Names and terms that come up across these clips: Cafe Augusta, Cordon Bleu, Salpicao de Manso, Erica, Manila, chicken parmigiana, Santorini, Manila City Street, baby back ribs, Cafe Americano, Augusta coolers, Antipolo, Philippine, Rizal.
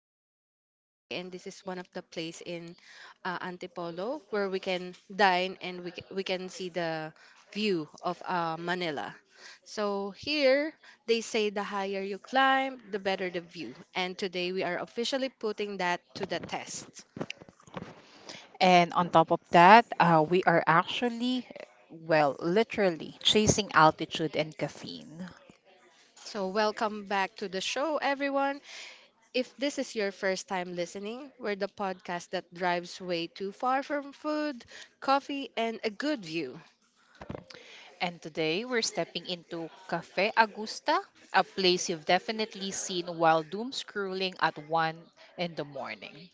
topic for today, okay? And this is one of the place in Antipolo where we can dine and we can see the view of Manila. So here they say the higher you climb, the better the view. And today we are officially putting that to the test. And on top of that, we are actually, well, literally chasing altitude and caffeine. So welcome back to the show, everyone. If this is your first time listening, we're the podcast that drives way too far from food, coffee, and a good view. And today we're stepping into Cafe Augusta, a place you've definitely seen while doom scrolling at 1 in the morning.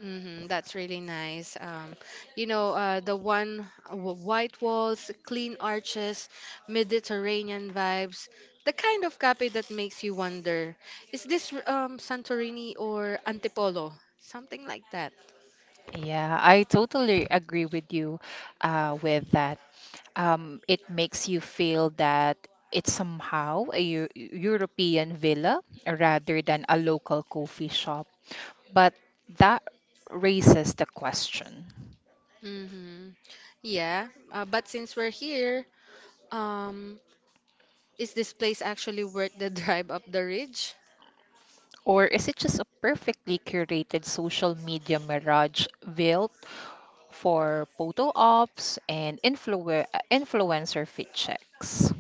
Hmm, that's really nice. The one white walls, clean arches, Mediterranean vibes, the kind of cafe that makes you wonder, is this Santorini or Antipolo? Something like that. Yeah, I totally agree with you with that. It makes you feel that it's somehow a European villa rather than a local coffee shop. But that raises the question, Hmm. Yeah, but since we're here, um, is this place actually worth the drive up the ridge? or is it just a perfectly curated social media mirage built for photo ops and influencer fit checks?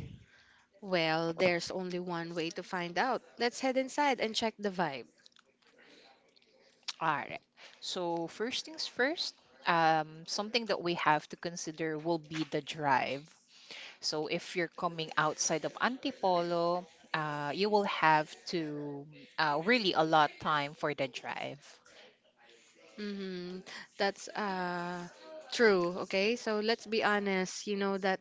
Well, there's only one way to find out. Let's head inside and check the vibe. All right. So, first things first, something that we have to consider will be the drive. So, if you're coming outside of Antipolo, you will have to really allot time for the drive. Mm-hmm. That's true, okay? So let's be honest, you know that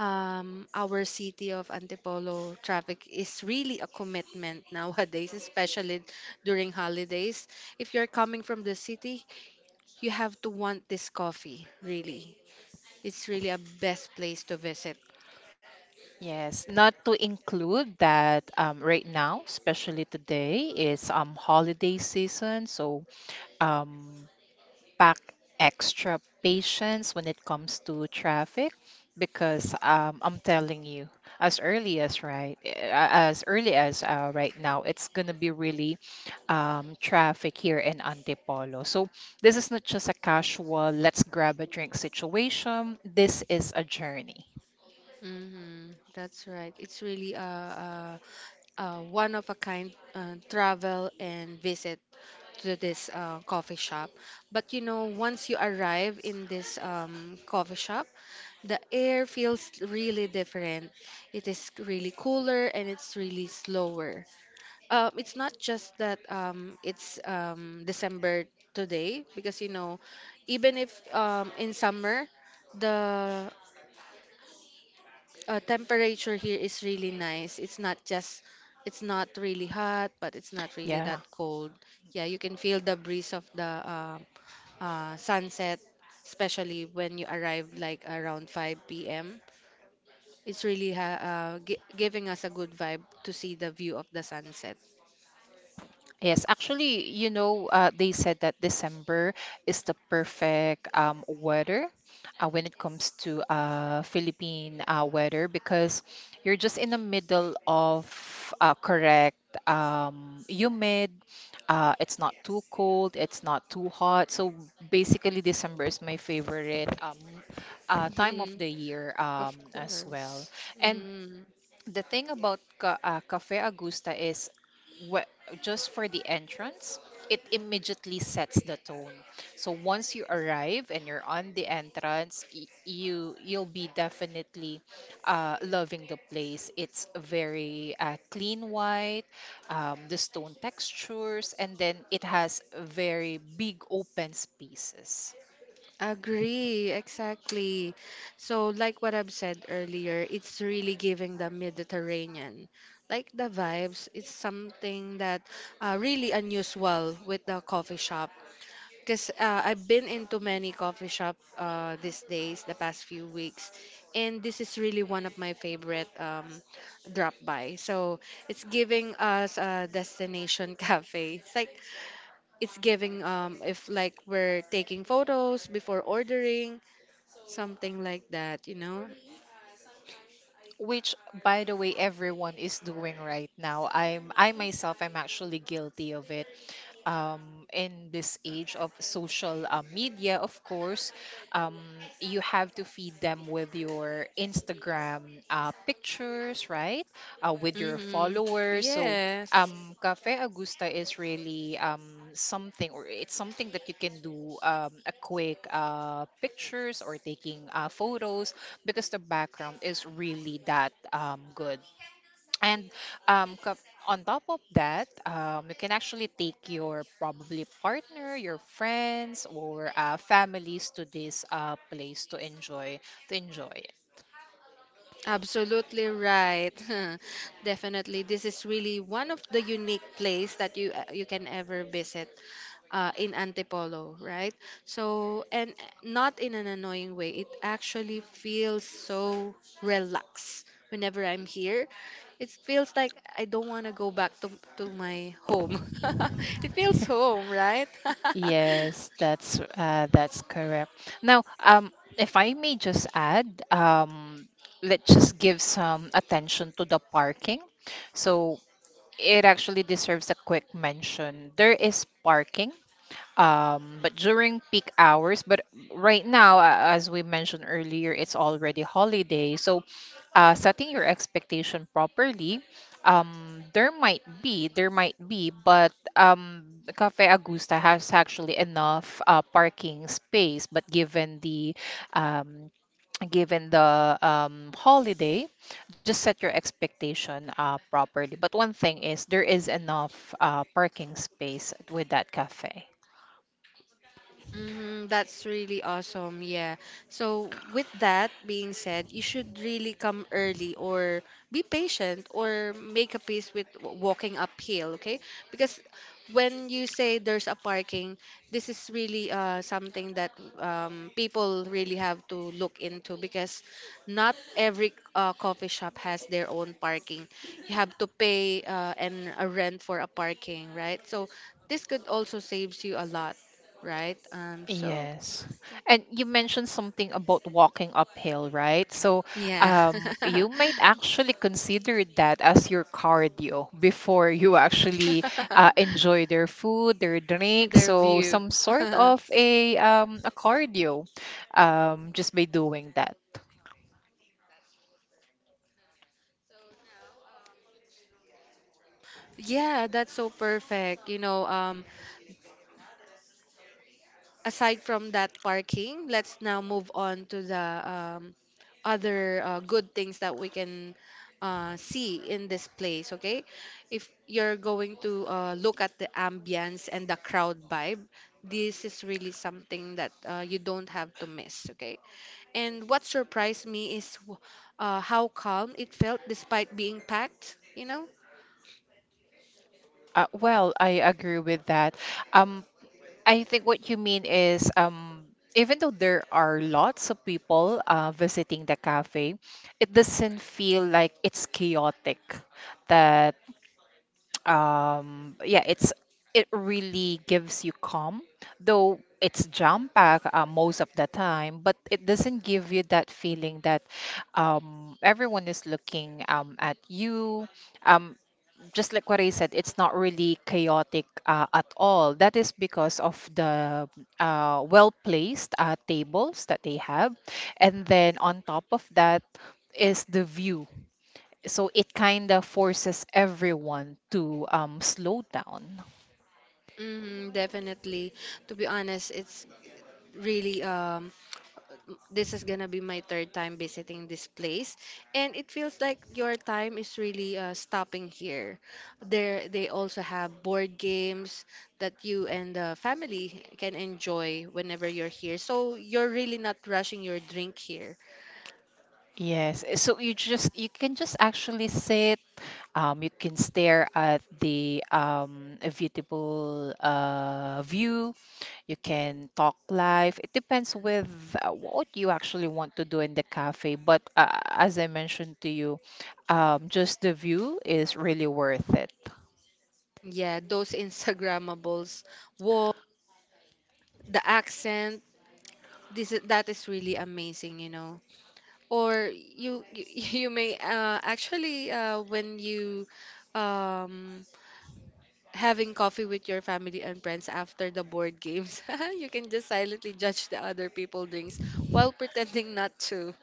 our city of Antipolo traffic is really a commitment nowadays, especially during holidays. If you're coming from the city, you have to want this coffee, really. It's really a best place to visit. Yes, not to include that right now, especially today, is holiday season. So um, pack extra patience when it comes to traffic because I'm telling you, as early as as early as right now, it's gonna be really traffic here in Antipolo. So this is not just a casual let's grab a drink situation. This is a journey. Mm-hmm. That's right. It's really a one of a kind travel and visit to this coffee shop. But you know, once you arrive in this coffee shop, the air feels really different. It is really cooler and it's really slower. It's not just that it's December today, because you know, even if in summer, the temperature here is really nice. It's not really hot, but it's not really that Yeah. cold. Yeah, you can feel the breeze of the sunset, especially when you arrive like around 5 p.m. It's really giving us a good vibe to see the view of the sunset. Yes, actually, you know, they said that December is the perfect weather when it comes to Philippine weather because you're just in the middle of correct humid. It's not too cold, it's not too hot. So basically, December is my favorite time of the year Of as well. course. And Mhm. the thing about Cafe Augusta is, wh- just for the entrance, it immediately sets the tone. So once you arrive and you're on the entrance, you'll be definitely loving the place. It's very clean white, the stone textures, and then it has very big open spaces, Agree, exactly. So, like what I've said earlier, it's really giving the Mediterranean. Like the vibes, it's something that really unusual with the coffee shop. Because I've been into many coffee shop these days, the past few weeks, and this is really one of my favorite drop by. So it's giving us a destination cafe. It's like it's giving if like we're taking photos before ordering. Something like that, you know? which by the way everyone is doing right now. I'm I myself I'm actually guilty of it. um, in this age of social media, of course, um, you have to feed them with your Instagram pictures, right? With your Hmm. followers. So, Yes, Cafe Augusta is really something, or it's something that you can do a quick pictures or taking photos because the background is really that good. And um, co- on top of that, you can actually take your probably partner, your friends, or families to this place to enjoy it. absolutely right. Definitely. This is really one of the unique place that you can ever visit in Antipolo, right? So, and not in an annoying way. It actually feels so relaxed whenever I'm here. It feels like I don't want to go back to my home. It feels home, right? Yes, that's correct. Now, if I may just add, let's just give some attention to the parking. So it actually deserves a quick mention. There is parking but during peak hours, but right now, as we mentioned earlier, it's already holiday, so setting your expectation properly, there might be but Cafe Augusta has actually enough parking space, but given the um given the holiday, just set your expectation properly. But one thing is there is enough parking space with that cafe. Mm, that's really awesome. Yeah. So, with that being said, you should really come early or be patient or make a peace with walking uphill, okay? Because when you say there's a parking, this is really something that people really have to look into because not every coffee shop has their own parking. You have to pay and a rent for a parking, right? So, this could also saves you a lot, right? Yes. And you mentioned something about walking uphill, right? So, yeah. You might actually consider that as your cardio before you actually enjoy their food, their drink. Their So, view. some sort of a cardio, just by doing that. Yeah, that's so perfect. You know, aside from that parking, let's now move on to the um, other good things that we can see in this place, okay? If you're going to look at the ambience and the crowd vibe, this is really something that you don't have to miss, okay? And what surprised me is how calm it felt despite being packed, you know? Well, I agree with that. Um, I think what you mean is, even though there are lots of people visiting the cafe, it doesn't feel like it's chaotic. That Yeah, it's it really gives you calm, though it's jam packed most of the time, but it doesn't give you that feeling that everyone is looking at you. Um just like what I said, it's not really chaotic at all. That is because of the well placed tables that they have. And then on top of that is the view. So it kind of forces everyone to slow down. Mm, definitely. To be honest, it's really this is gonna be my third time visiting this place, and it feels like your time is really stopping here. There, they also have board games that you and the family can enjoy whenever you're here. So you're really not rushing your drink here. Yes. You can just actually sit. You can stare at the a beautiful view. You can talk live. It depends with what you actually want to do in the cafe. But as I mentioned to you, just the view is really worth it. Yeah, those Instagrammables, the accent, this is that is really amazing, you know? Or you may actually when you um having coffee with your family and friends after the board games you can just silently judge the other people drinks while pretending not to.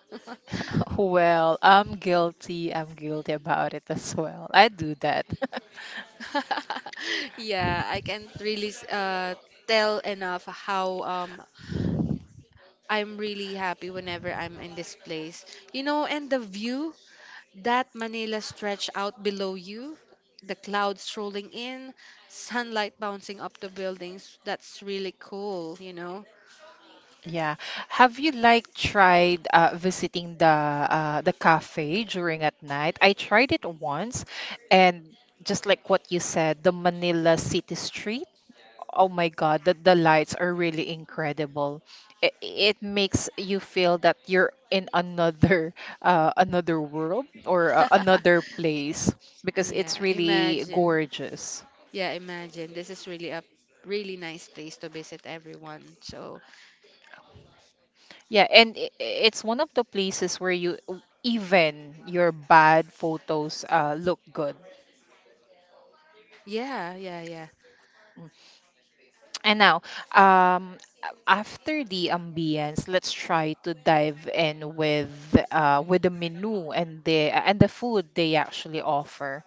Well, I'm guilty. I'm guilty about it as well. I do that. Yeah, I can't really tell enough how I'm really happy whenever I'm in this place, you know? And the view, that Manila stretch out below you, the clouds rolling in, sunlight bouncing up the buildings. That's really cool, you know? Yeah. Have you like tried visiting the cafe during at night? I tried it once, and just like what you said, the Manila City Street. Oh my God, the lights are really incredible. It makes you feel that you're in another another world or another place because Yeah, it's really imagine. gorgeous. Yeah, imagine. This is really a really nice place to visit, everyone. So, Yeah, and it's one of the places where you, even your bad photos look good. yeah, yeah, yeah. Mm. And now, um, after the ambience, let's try to dive in with the menu and the food they actually offer.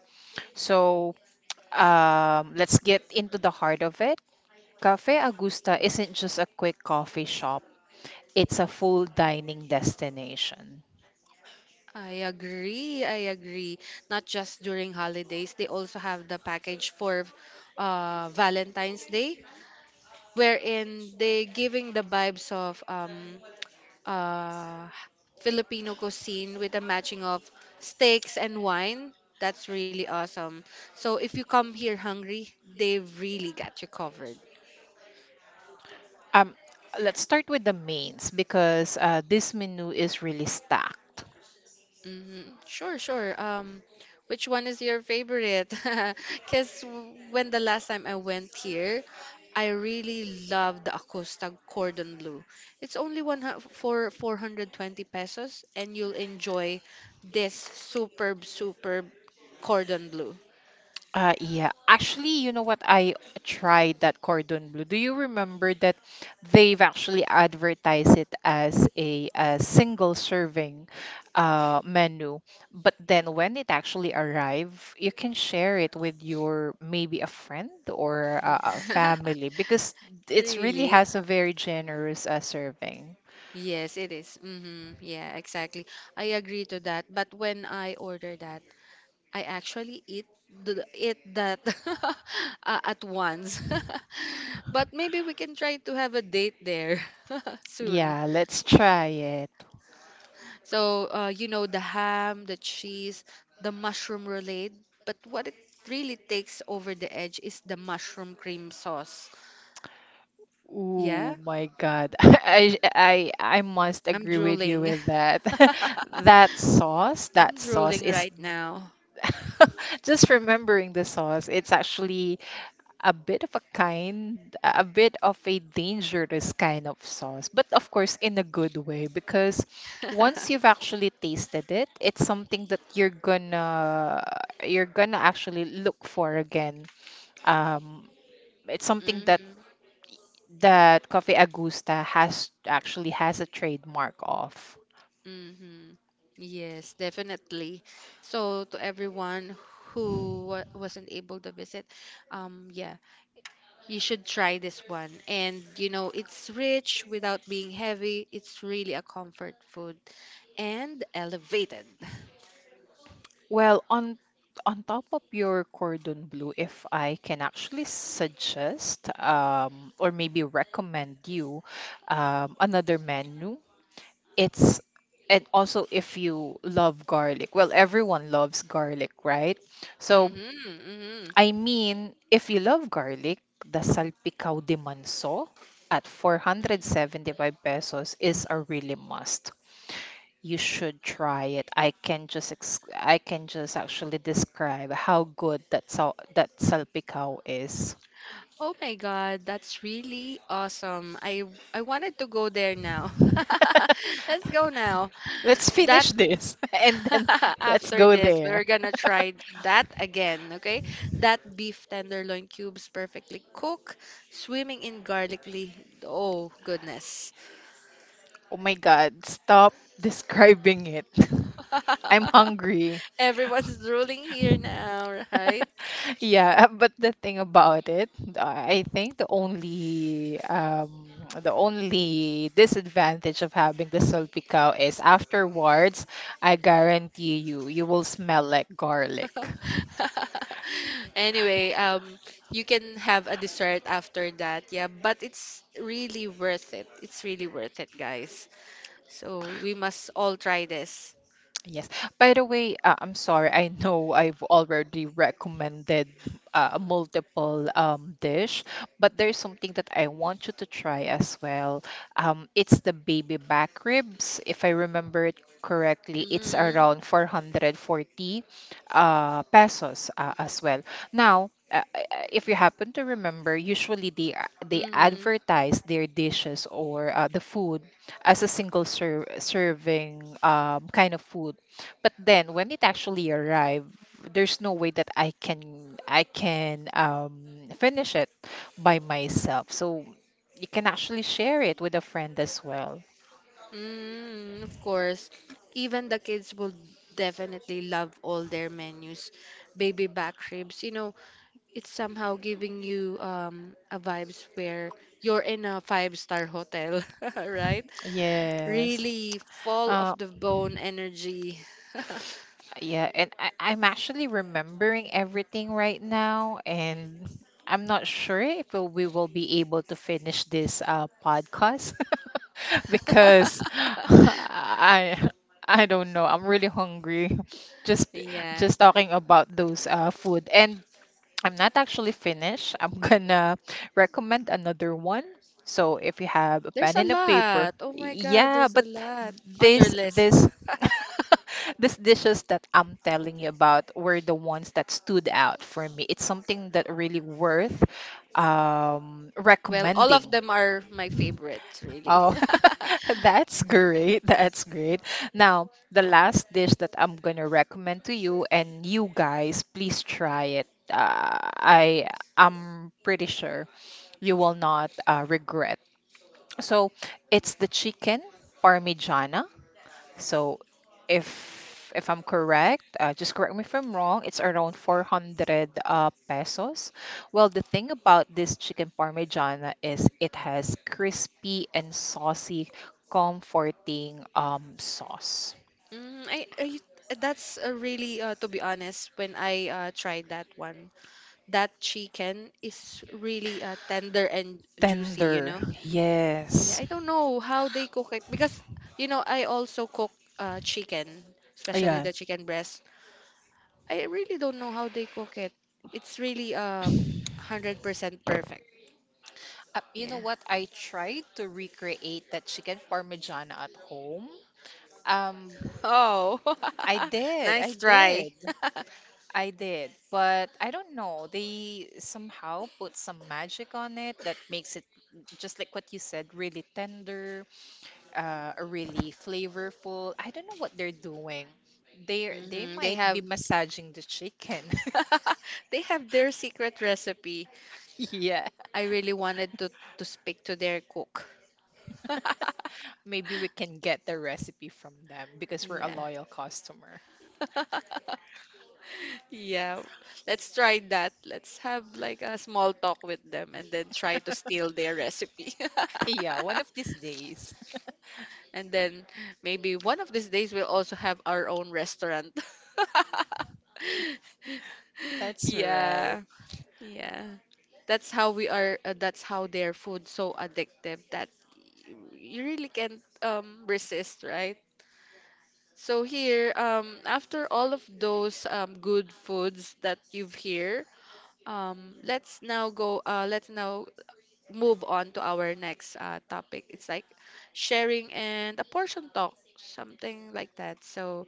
So let's get into the heart of it. Cafe Augusta isn't just a quick coffee shop, it's a full dining destination. I agree. I agree. Not just during holidays, they also have the package for Valentine's Day, wherein they giving the vibes of uh, Filipino cuisine with a matching of steaks and wine. That's really awesome. So if you come here hungry, they've really got you covered. Um, let's start with the mains because this menu is really stacked. Hmm. Sure, sure. Which one is your favorite? Because when the last time I went here, I really loved the Acosta Cordon Bleu. It's only for 420 pesos, and you'll enjoy this superb Cordon Bleu. Yeah. Actually, you know what? I tried that cordon bleu. Do you remember that they've actually advertised it as a single serving menu, but then when it actually arrive, you can share it with your maybe a friend or a family because it really Really? has a very generous serving. Yes, it is. Mm-hmm. Yeah, exactly. I agree to that. But when I order that, I actually eat eat that at once. But maybe we can try to have a date there soon. Yeah, let's try it. So, you know, the ham, the cheese, the mushroom roulade. But what it really takes over the edge is the mushroom cream sauce. Oh Yeah, my God. I must I'm agree with you drooling. with that. That I'm sauce drooling is right now. just remembering the sauce. It's actually a bit of a kind, a bit of a dangerous kind of sauce, but of course in a good way because once you've actually tasted it, it's something that you're gonna actually look for again. Um, it's something that Mm-hmm. Coffee Agusta has a trademark of. Mm-hmm. Yes, definitely. So to everyone who wa wasn't able to visit, yeah, you should try this one. And you know, it's rich without being heavy. It's really a comfort food and elevated. Well, on top of your Cordon Bleu, if I can actually suggest or maybe recommend you another menu, it's, and also if you love garlic. Well, everyone loves garlic, right? So Mm-hmm. Mm-hmm. I mean, if you love garlic, the Salpicao de Manso at 475 pesos is a really must. You should try it. I can just actually describe how good that that salpicao is. Oh my God, that's really awesome. I wanted to go there now. Let's go now. Let's That finish this and then let's after go this, there. we're gonna try that again, okay? That beef tenderloin cubes perfectly cooked, swimming in garlicly. Oh, goodness. Oh my god, stop describing it. I'm hungry. Everyone's drooling here now, right? Yeah, but the thing about it, I think the only disadvantage of having the salty cow is afterwards, I guarantee you, you will smell like garlic. Anyway, you can have a dessert after that, yeah, but it's really worth it. It's really worth it, guys. So we must all try this. Yes. By the way, I'm sorry. I know I've already recommended multiple dish, but there's something that I want you to try as well. It's the baby back ribs. If I remember it correctly, it's Mm-hmm. around 440 pesos as well. Now, if you happen to remember, usually they Mm-hmm. advertise their dishes or the food as a single serving kind of food, but then when it actually arrived, there's no way that I can finish it by myself, so you can actually share it with a friend as well. Mm, of course. Even the kids will definitely love all their menus. Baby back ribs, you know, it's somehow giving you a vibes where you're in a five-star hotel, right? Yes. Really full of uh, the bone energy. Yeah, and I'm actually remembering everything right now, and I'm not sure if we will be able to finish this podcast because I I don't know. I'm really hungry. Just Yeah. just talking about those food, and I'm not actually finished. I'm gonna recommend another one. So if you have a There's pen a and a paper, lot. Oh my God, yeah, there's a but lot on your this list. this these dishes that I'm telling you about were the ones that stood out for me. It's something that really worth Well, all of recommending. them are my favorites, really. Oh, that's great. That's great. Now, the last dish that I'm gonna recommend to you and you guys, please try it. I am pretty sure you will not regret. So, it's the chicken parmigiana. So if if I'm correct, just correct me if I'm wrong, it's around 400 pesos. Well, the thing about this chicken parmigiana is it has crispy and saucy, comforting sauce. Mm, I that's really to be honest when I tried that one, that chicken is really tender and juicy, you Tender. know? Yeah, Yes. I don't know how they cook it because you know I also cook chicken, especially Ayan. the chicken breast. I really don't know how they cook it. It's really 100% perfect. You know Yeah. what? I tried to recreate that chicken parmigiana at home. Um, Oh. I did. I Nice try. did. I did, but I don't know. They somehow put some magic on it that makes it just like what you said, really tender, really flavorful. I don't know what they're doing. They Hmm, they might have be massaging the chicken. they have their secret recipe. Yeah, I really wanted to speak to their cook. maybe we can get the recipe from them because we're a Yeah. loyal customer. Yeah. Let's try that. Let's have like a small talk with them and then try to steal their recipe. Yeah, one of these days. And then maybe one of these days we'll also have our own restaurant. That's right. Yeah. Yeah. That's how we are that's how their food's so addictive that you really can't resist, right? So here, after all of those good foods that you've here, let's now go. Let's now move on to our next topic. It's like sharing and a portion talk, something like that. So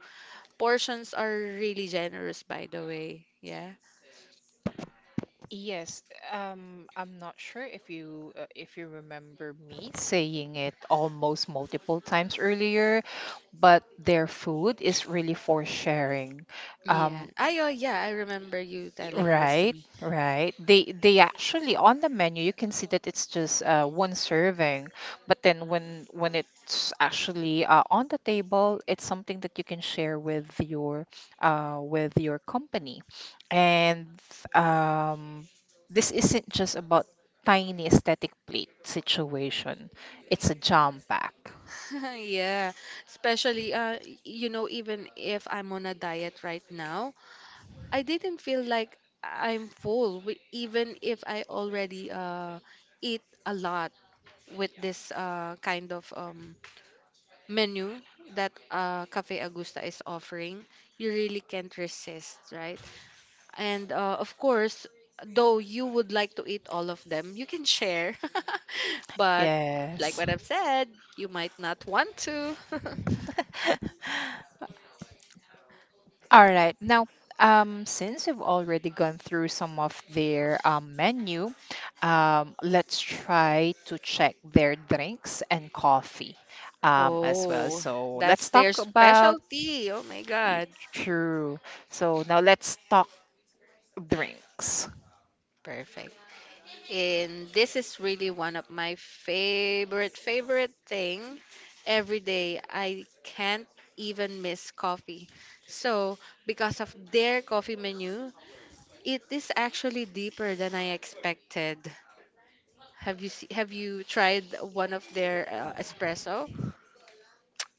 portions are really generous, by the way. Yeah. Yes, I'm not sure if you remember me saying it almost multiple times earlier, but their food is really for sharing. Yeah. Um, I, oh yeah, I remember you telling this to Right, me. right. They actually on the menu you can see that it's just one serving, but then when it's actually on the table, it's something that you can share with your company. And um, this isn't just about tiny aesthetic plate situation. It's a jam pack. Yeah. Especially you know even if I'm on a diet right now, I didn't feel like I'm full, even if I already eat a lot with this kind of menu that Cafe Agusta is offering. You really can't resist, right? And of course, though you would like to eat all of them, you can share. But like Yes. what I've said, you might not want to. All right. Now, since we've already gone through some of their menu, let's try to check their drinks and coffee as well. Oh, So that's let's their talk about specialty. Oh my God. true. So now let's talk drinks. Perfect. And this is really one of my favorite thing. Every day I can't even miss coffee, so because of their coffee menu, it is actually deeper than I expected. Have you tried one of their espresso?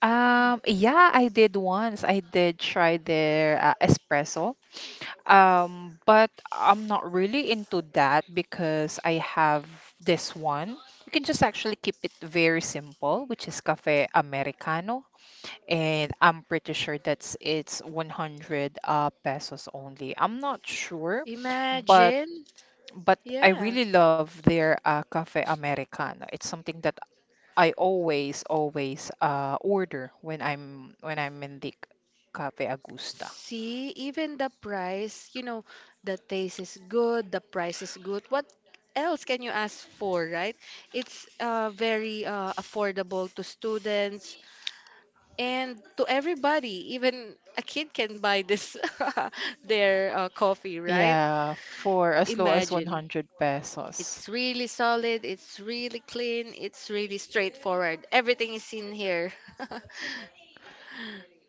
Yeah, I did once. I did try their espresso. But I'm not really into that because I have this one. You can just actually keep it very simple, which is Cafe Americano, and I'm pretty sure that's it's 100 pesos only. I'm not sure, but Imagine. but I Yeah. really love their Cafe Americano. It's something that I always order when I'm in the Cafe Agusta. See, even the price, you know, the taste is good, the price is good. What else can you ask for, right? It's very affordable to students and to everybody. Even a kid can buy this their coffee, right? Yeah, for as low as Imagine. 100 pesos. It's really solid, it's really clean, it's really straightforward. Everything is in here.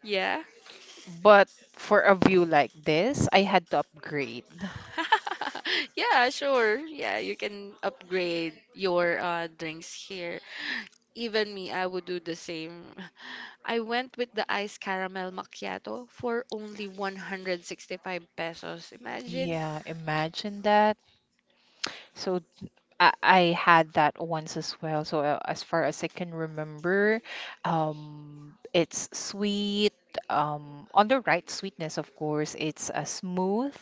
Yeah. But for a view like this, I had to upgrade. Yeah, sure. Yeah, you can upgrade your drinks here. Even me, I would do the same. I went with the iced caramel macchiato for only 165 pesos. Imagine. Yeah, imagine that. So I had that once as well. So as far as I can remember, it's sweet, on the right sweetness, of course. It's smooth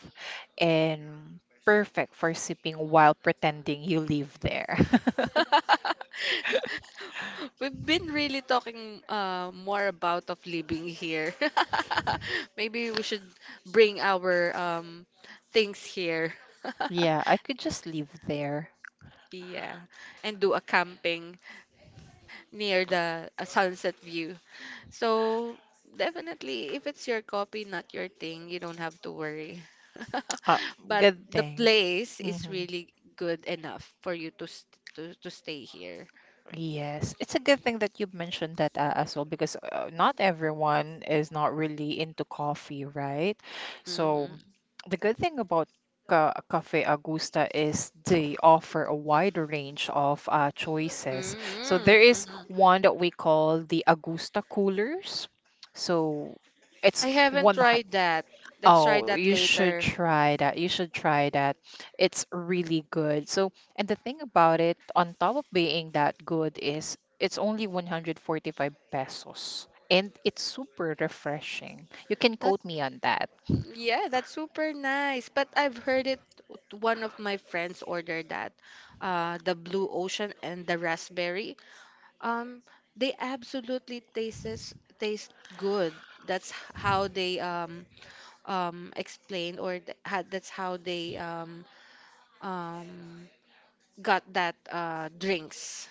and perfect for sipping while pretending you live there. We've been really talking more about of living here. Maybe we should bring our things here. Yeah, I could just live there. Yeah, and do a camping near the sunset view. So definitely, if it's your copy, not your thing, you don't have to worry. Uh, But Good the thing. place is Mm-hmm. really good enough for you to st to stay here. Yes, it's a good thing that you mentioned that as well because not everyone is not really into coffee, right? So Mm-hmm. the good thing about Ca Cafe Augusta is they offer a wide range of choices. So there Mm-hmm. is Mm-hmm. one that we call the Augusta coolers. So I it's haven't one. tried that. Let's try Oh, that you should later. try that. You should try that. It's really good. So, and the thing about it, on top of being that good, is it's only 145 pesos and it's super refreshing. You can That quote me on that. Yeah, that's super nice. But I've heard it. One of my friends ordered that, the blue ocean and the raspberry. Um, they absolutely taste good. That's h- how they explain or th- had that's how they um got that drinks.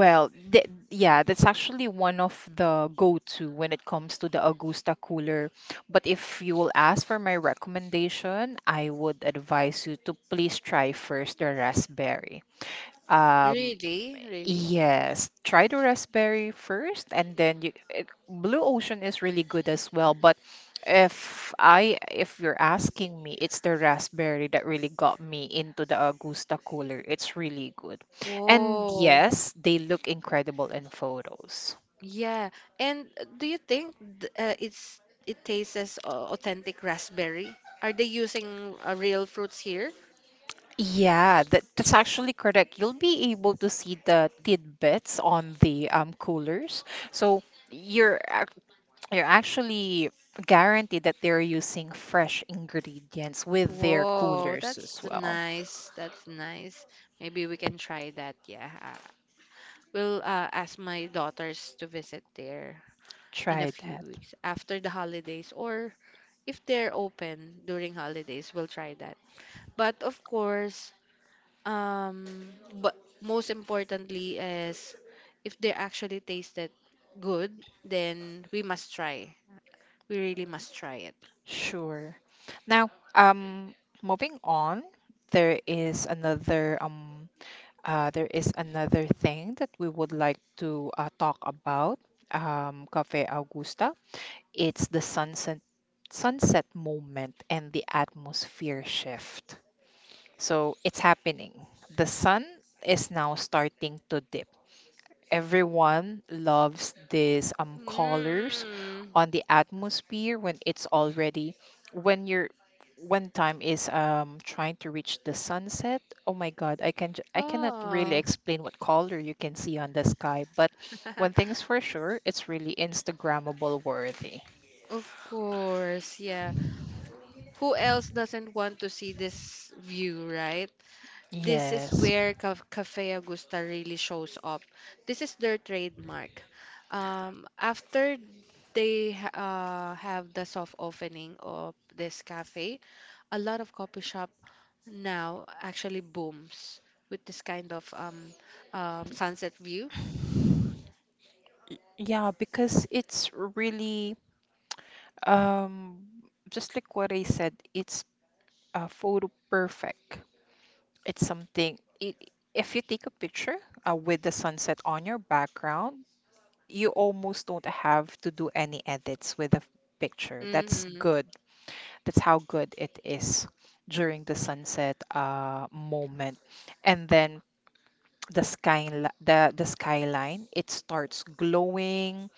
Well, th Yeah, that's actually one of the go-to when it comes to the Augusta cooler. But if you will ask for my recommendation, I would advise you to please try first the raspberry. Um, Really, really. Yes, try the raspberry first, and then Blue Ocean is really good as well. But if you're asking me, it's the raspberry that really got me into the Augusta cooler. It's really good. And Whoa. yes, they look incredible in photos. Yeah. And do you think it tastes as authentic raspberry? Are they using real fruits here? Yeah, that's actually correct. You'll be able to see the tidbits on the coolers. So you're ac- you're actually guaranteed that they're using fresh ingredients with their Whoa, coolers as that's well. nice. That's nice. Maybe we can try that. Yeah. Will ask my daughters to visit there in a Try few that. weeks after the holidays, or if they're open during holidays we'll try that. But of course, um but most importantly is if they actually tasted good, then we must try. We really must try it. Sure. Now, moving on, there is another um, there is another thing that we would like to talk about. Cafe Augusta. It's the sunset moment and the atmosphere shift. So it's happening. The sun is now starting to dip, everyone loves these colors Mm. on the atmosphere when it's already when you're when time is trying to reach the sunset. Oh my God, I cannot really Oh. explain what color you can see on the sky, but one thing is for sure, it's really Instagrammable worthy. Of course, yeah. Who else doesn't want to see this view, right? This is Yes. where Cafe Augusta really shows up. This is their trademark. After they have the soft opening of this cafe, a lot of coffee shop now actually booms with this kind of sunset view. Yeah, because it's really um just like what I said, it's photo perfect. It's something, I If you take a picture with the sunset on your background, you almost don't have to do any edits with the picture. That's Mhm. good. That's how good it is during the sunset moment. And then the skyline, it starts glowing.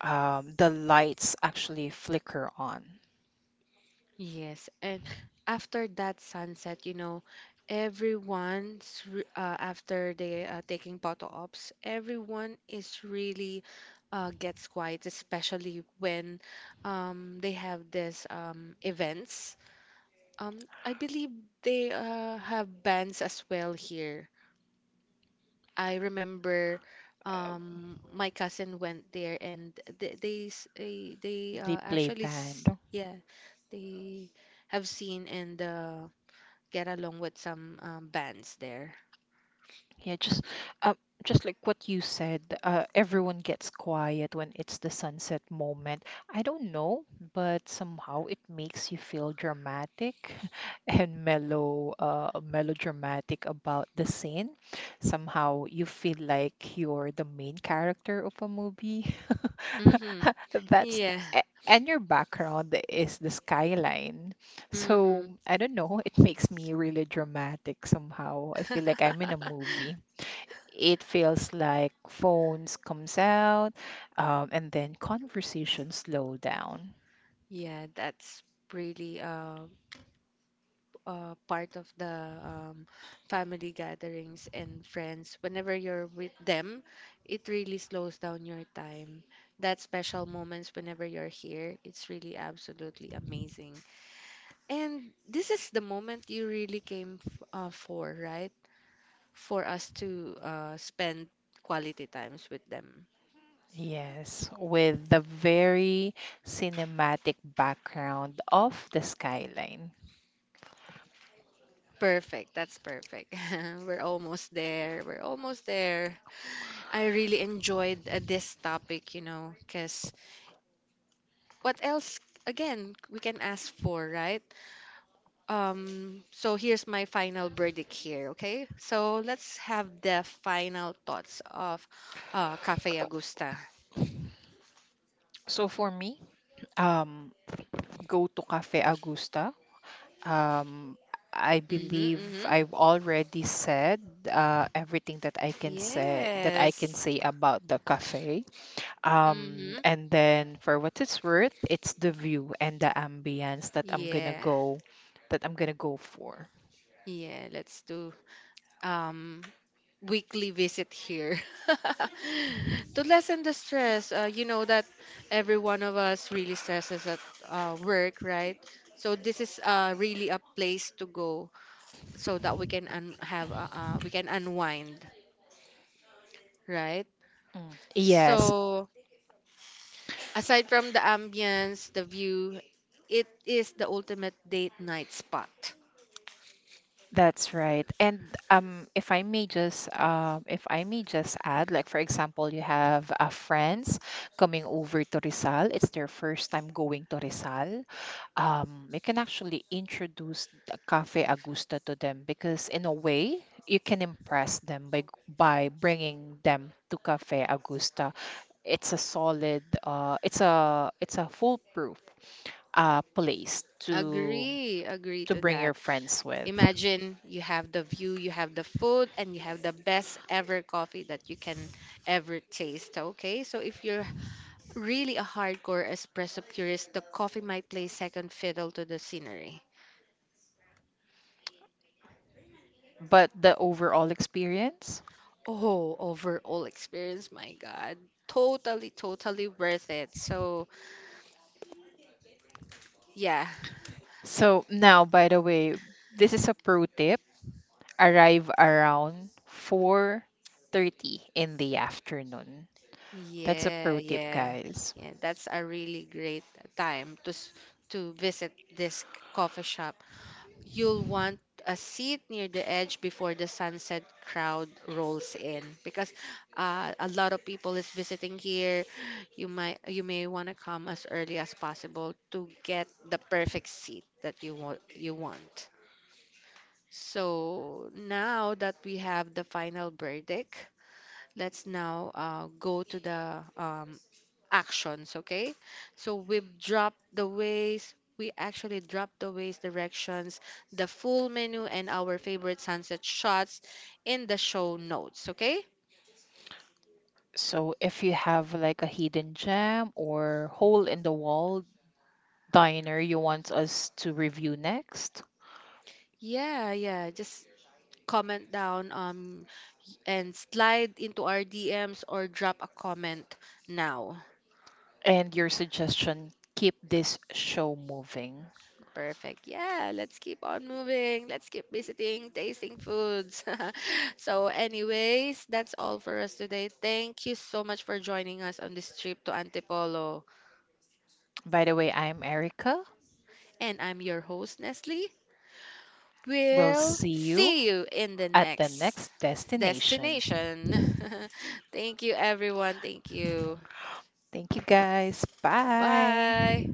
The lights actually flicker on. Yes, and after that sunset, you know, everyone's after they taking photo ops, everyone is really gets quiet, especially when they have this events. I believe they have bands as well here. I remember Uh, my cousin went there, and they s- they they play actually band. s- yeah they have seen and get along with some bands there. Yeah, uh, just like what you said, everyone gets quiet when it's the sunset moment. I don't know, but somehow it makes you feel dramatic and mellow, melodramatic about the scene. Somehow you feel like you're the main character of a movie. Hmm. That's Yeah. And your background is the skyline. So Hmm. I don't know, it makes me really dramatic somehow. I feel like I'm in a movie. It feels like phones comes out, and then conversation slow down, Yeah, that's really part of the family gatherings and friends. Whenever you're with them, it really slows down your time. That special moments whenever you're here, it's really absolutely amazing. And this is the moment you really came for, right? For us to spend quality times with them. yes, with the very cinematic background of the skyline. Perfect. That's perfect. We're almost there. We're almost there. I really enjoyed this topic, you know, because what else again we can ask for, right? So here's my final verdict here, okay? So let's have the final thoughts of Cafe Augusta. So for me, um, go to Cafe Augusta. um, I Mm-hmm, believe mm-hmm. I've already said everything that I can say Yes. About the cafe. Mm-hmm. And then for what it's worth, it's the view and the ambience that I'm gonna Yeah. go for. Yeah, let's do um, weekly visit here. To lessen the stress. You know that every one of us really stresses at work, right? So this is really a place to go, so that we can have we can unwind, right? Mm. Yes, So aside from the ambience, the view, it is the ultimate date night spot. that's right. And if I may just add, like for example, you have friends coming over to Rizal. It's their first time going to Rizal. You can actually introduce the Cafe Agusta to them because in a way you can impress them by bringing them to Cafe Augusta. It's a solid it's a foolproof place to Agree, agree to bring your that. friends with, Imagine you have the view, you have the food, and you have the best ever coffee that you can ever taste. Okay, so if you're really a hardcore espresso purist, the coffee might play second fiddle to the scenery. but the overall experience. Oh, overall experience, my God. Totally, totally worth it. So, yeah, So now, by the way, this is a pro tip: arrive around 4:30 in the afternoon. That's a yeah, pro tip, yeah, guys. yeah. That's a really great time to to visit this coffee shop. You'll want a seat near the edge before the sunset crowd rolls in, because a lot of people is visiting here. You might, you may want to come as early as possible to get the perfect seat that you want. So now that we have the final verdict, let's now go to the actions, okay? So we actually dropped the ways, directions, the full menu, and our favorite sunset shots in the show notes, okay? So if you have like a hidden gem or hole in the wall diner you want us to review next, Yeah, yeah, just comment down and slide into our DMs or drop a comment now. and your suggestion. Keep this show moving. Perfect. Yeah, let's keep on moving. Let's keep visiting, tasting foods. So, anyways, that's all for us today. Thank you so much for joining us on this trip to Antipolo. By the way, I'm Erica. And I'm your host, Nestle. We'll We'll see you see you in the at the next next destination. destination. Thank you, everyone. Thank you. Thank you guys. Bye. Bye.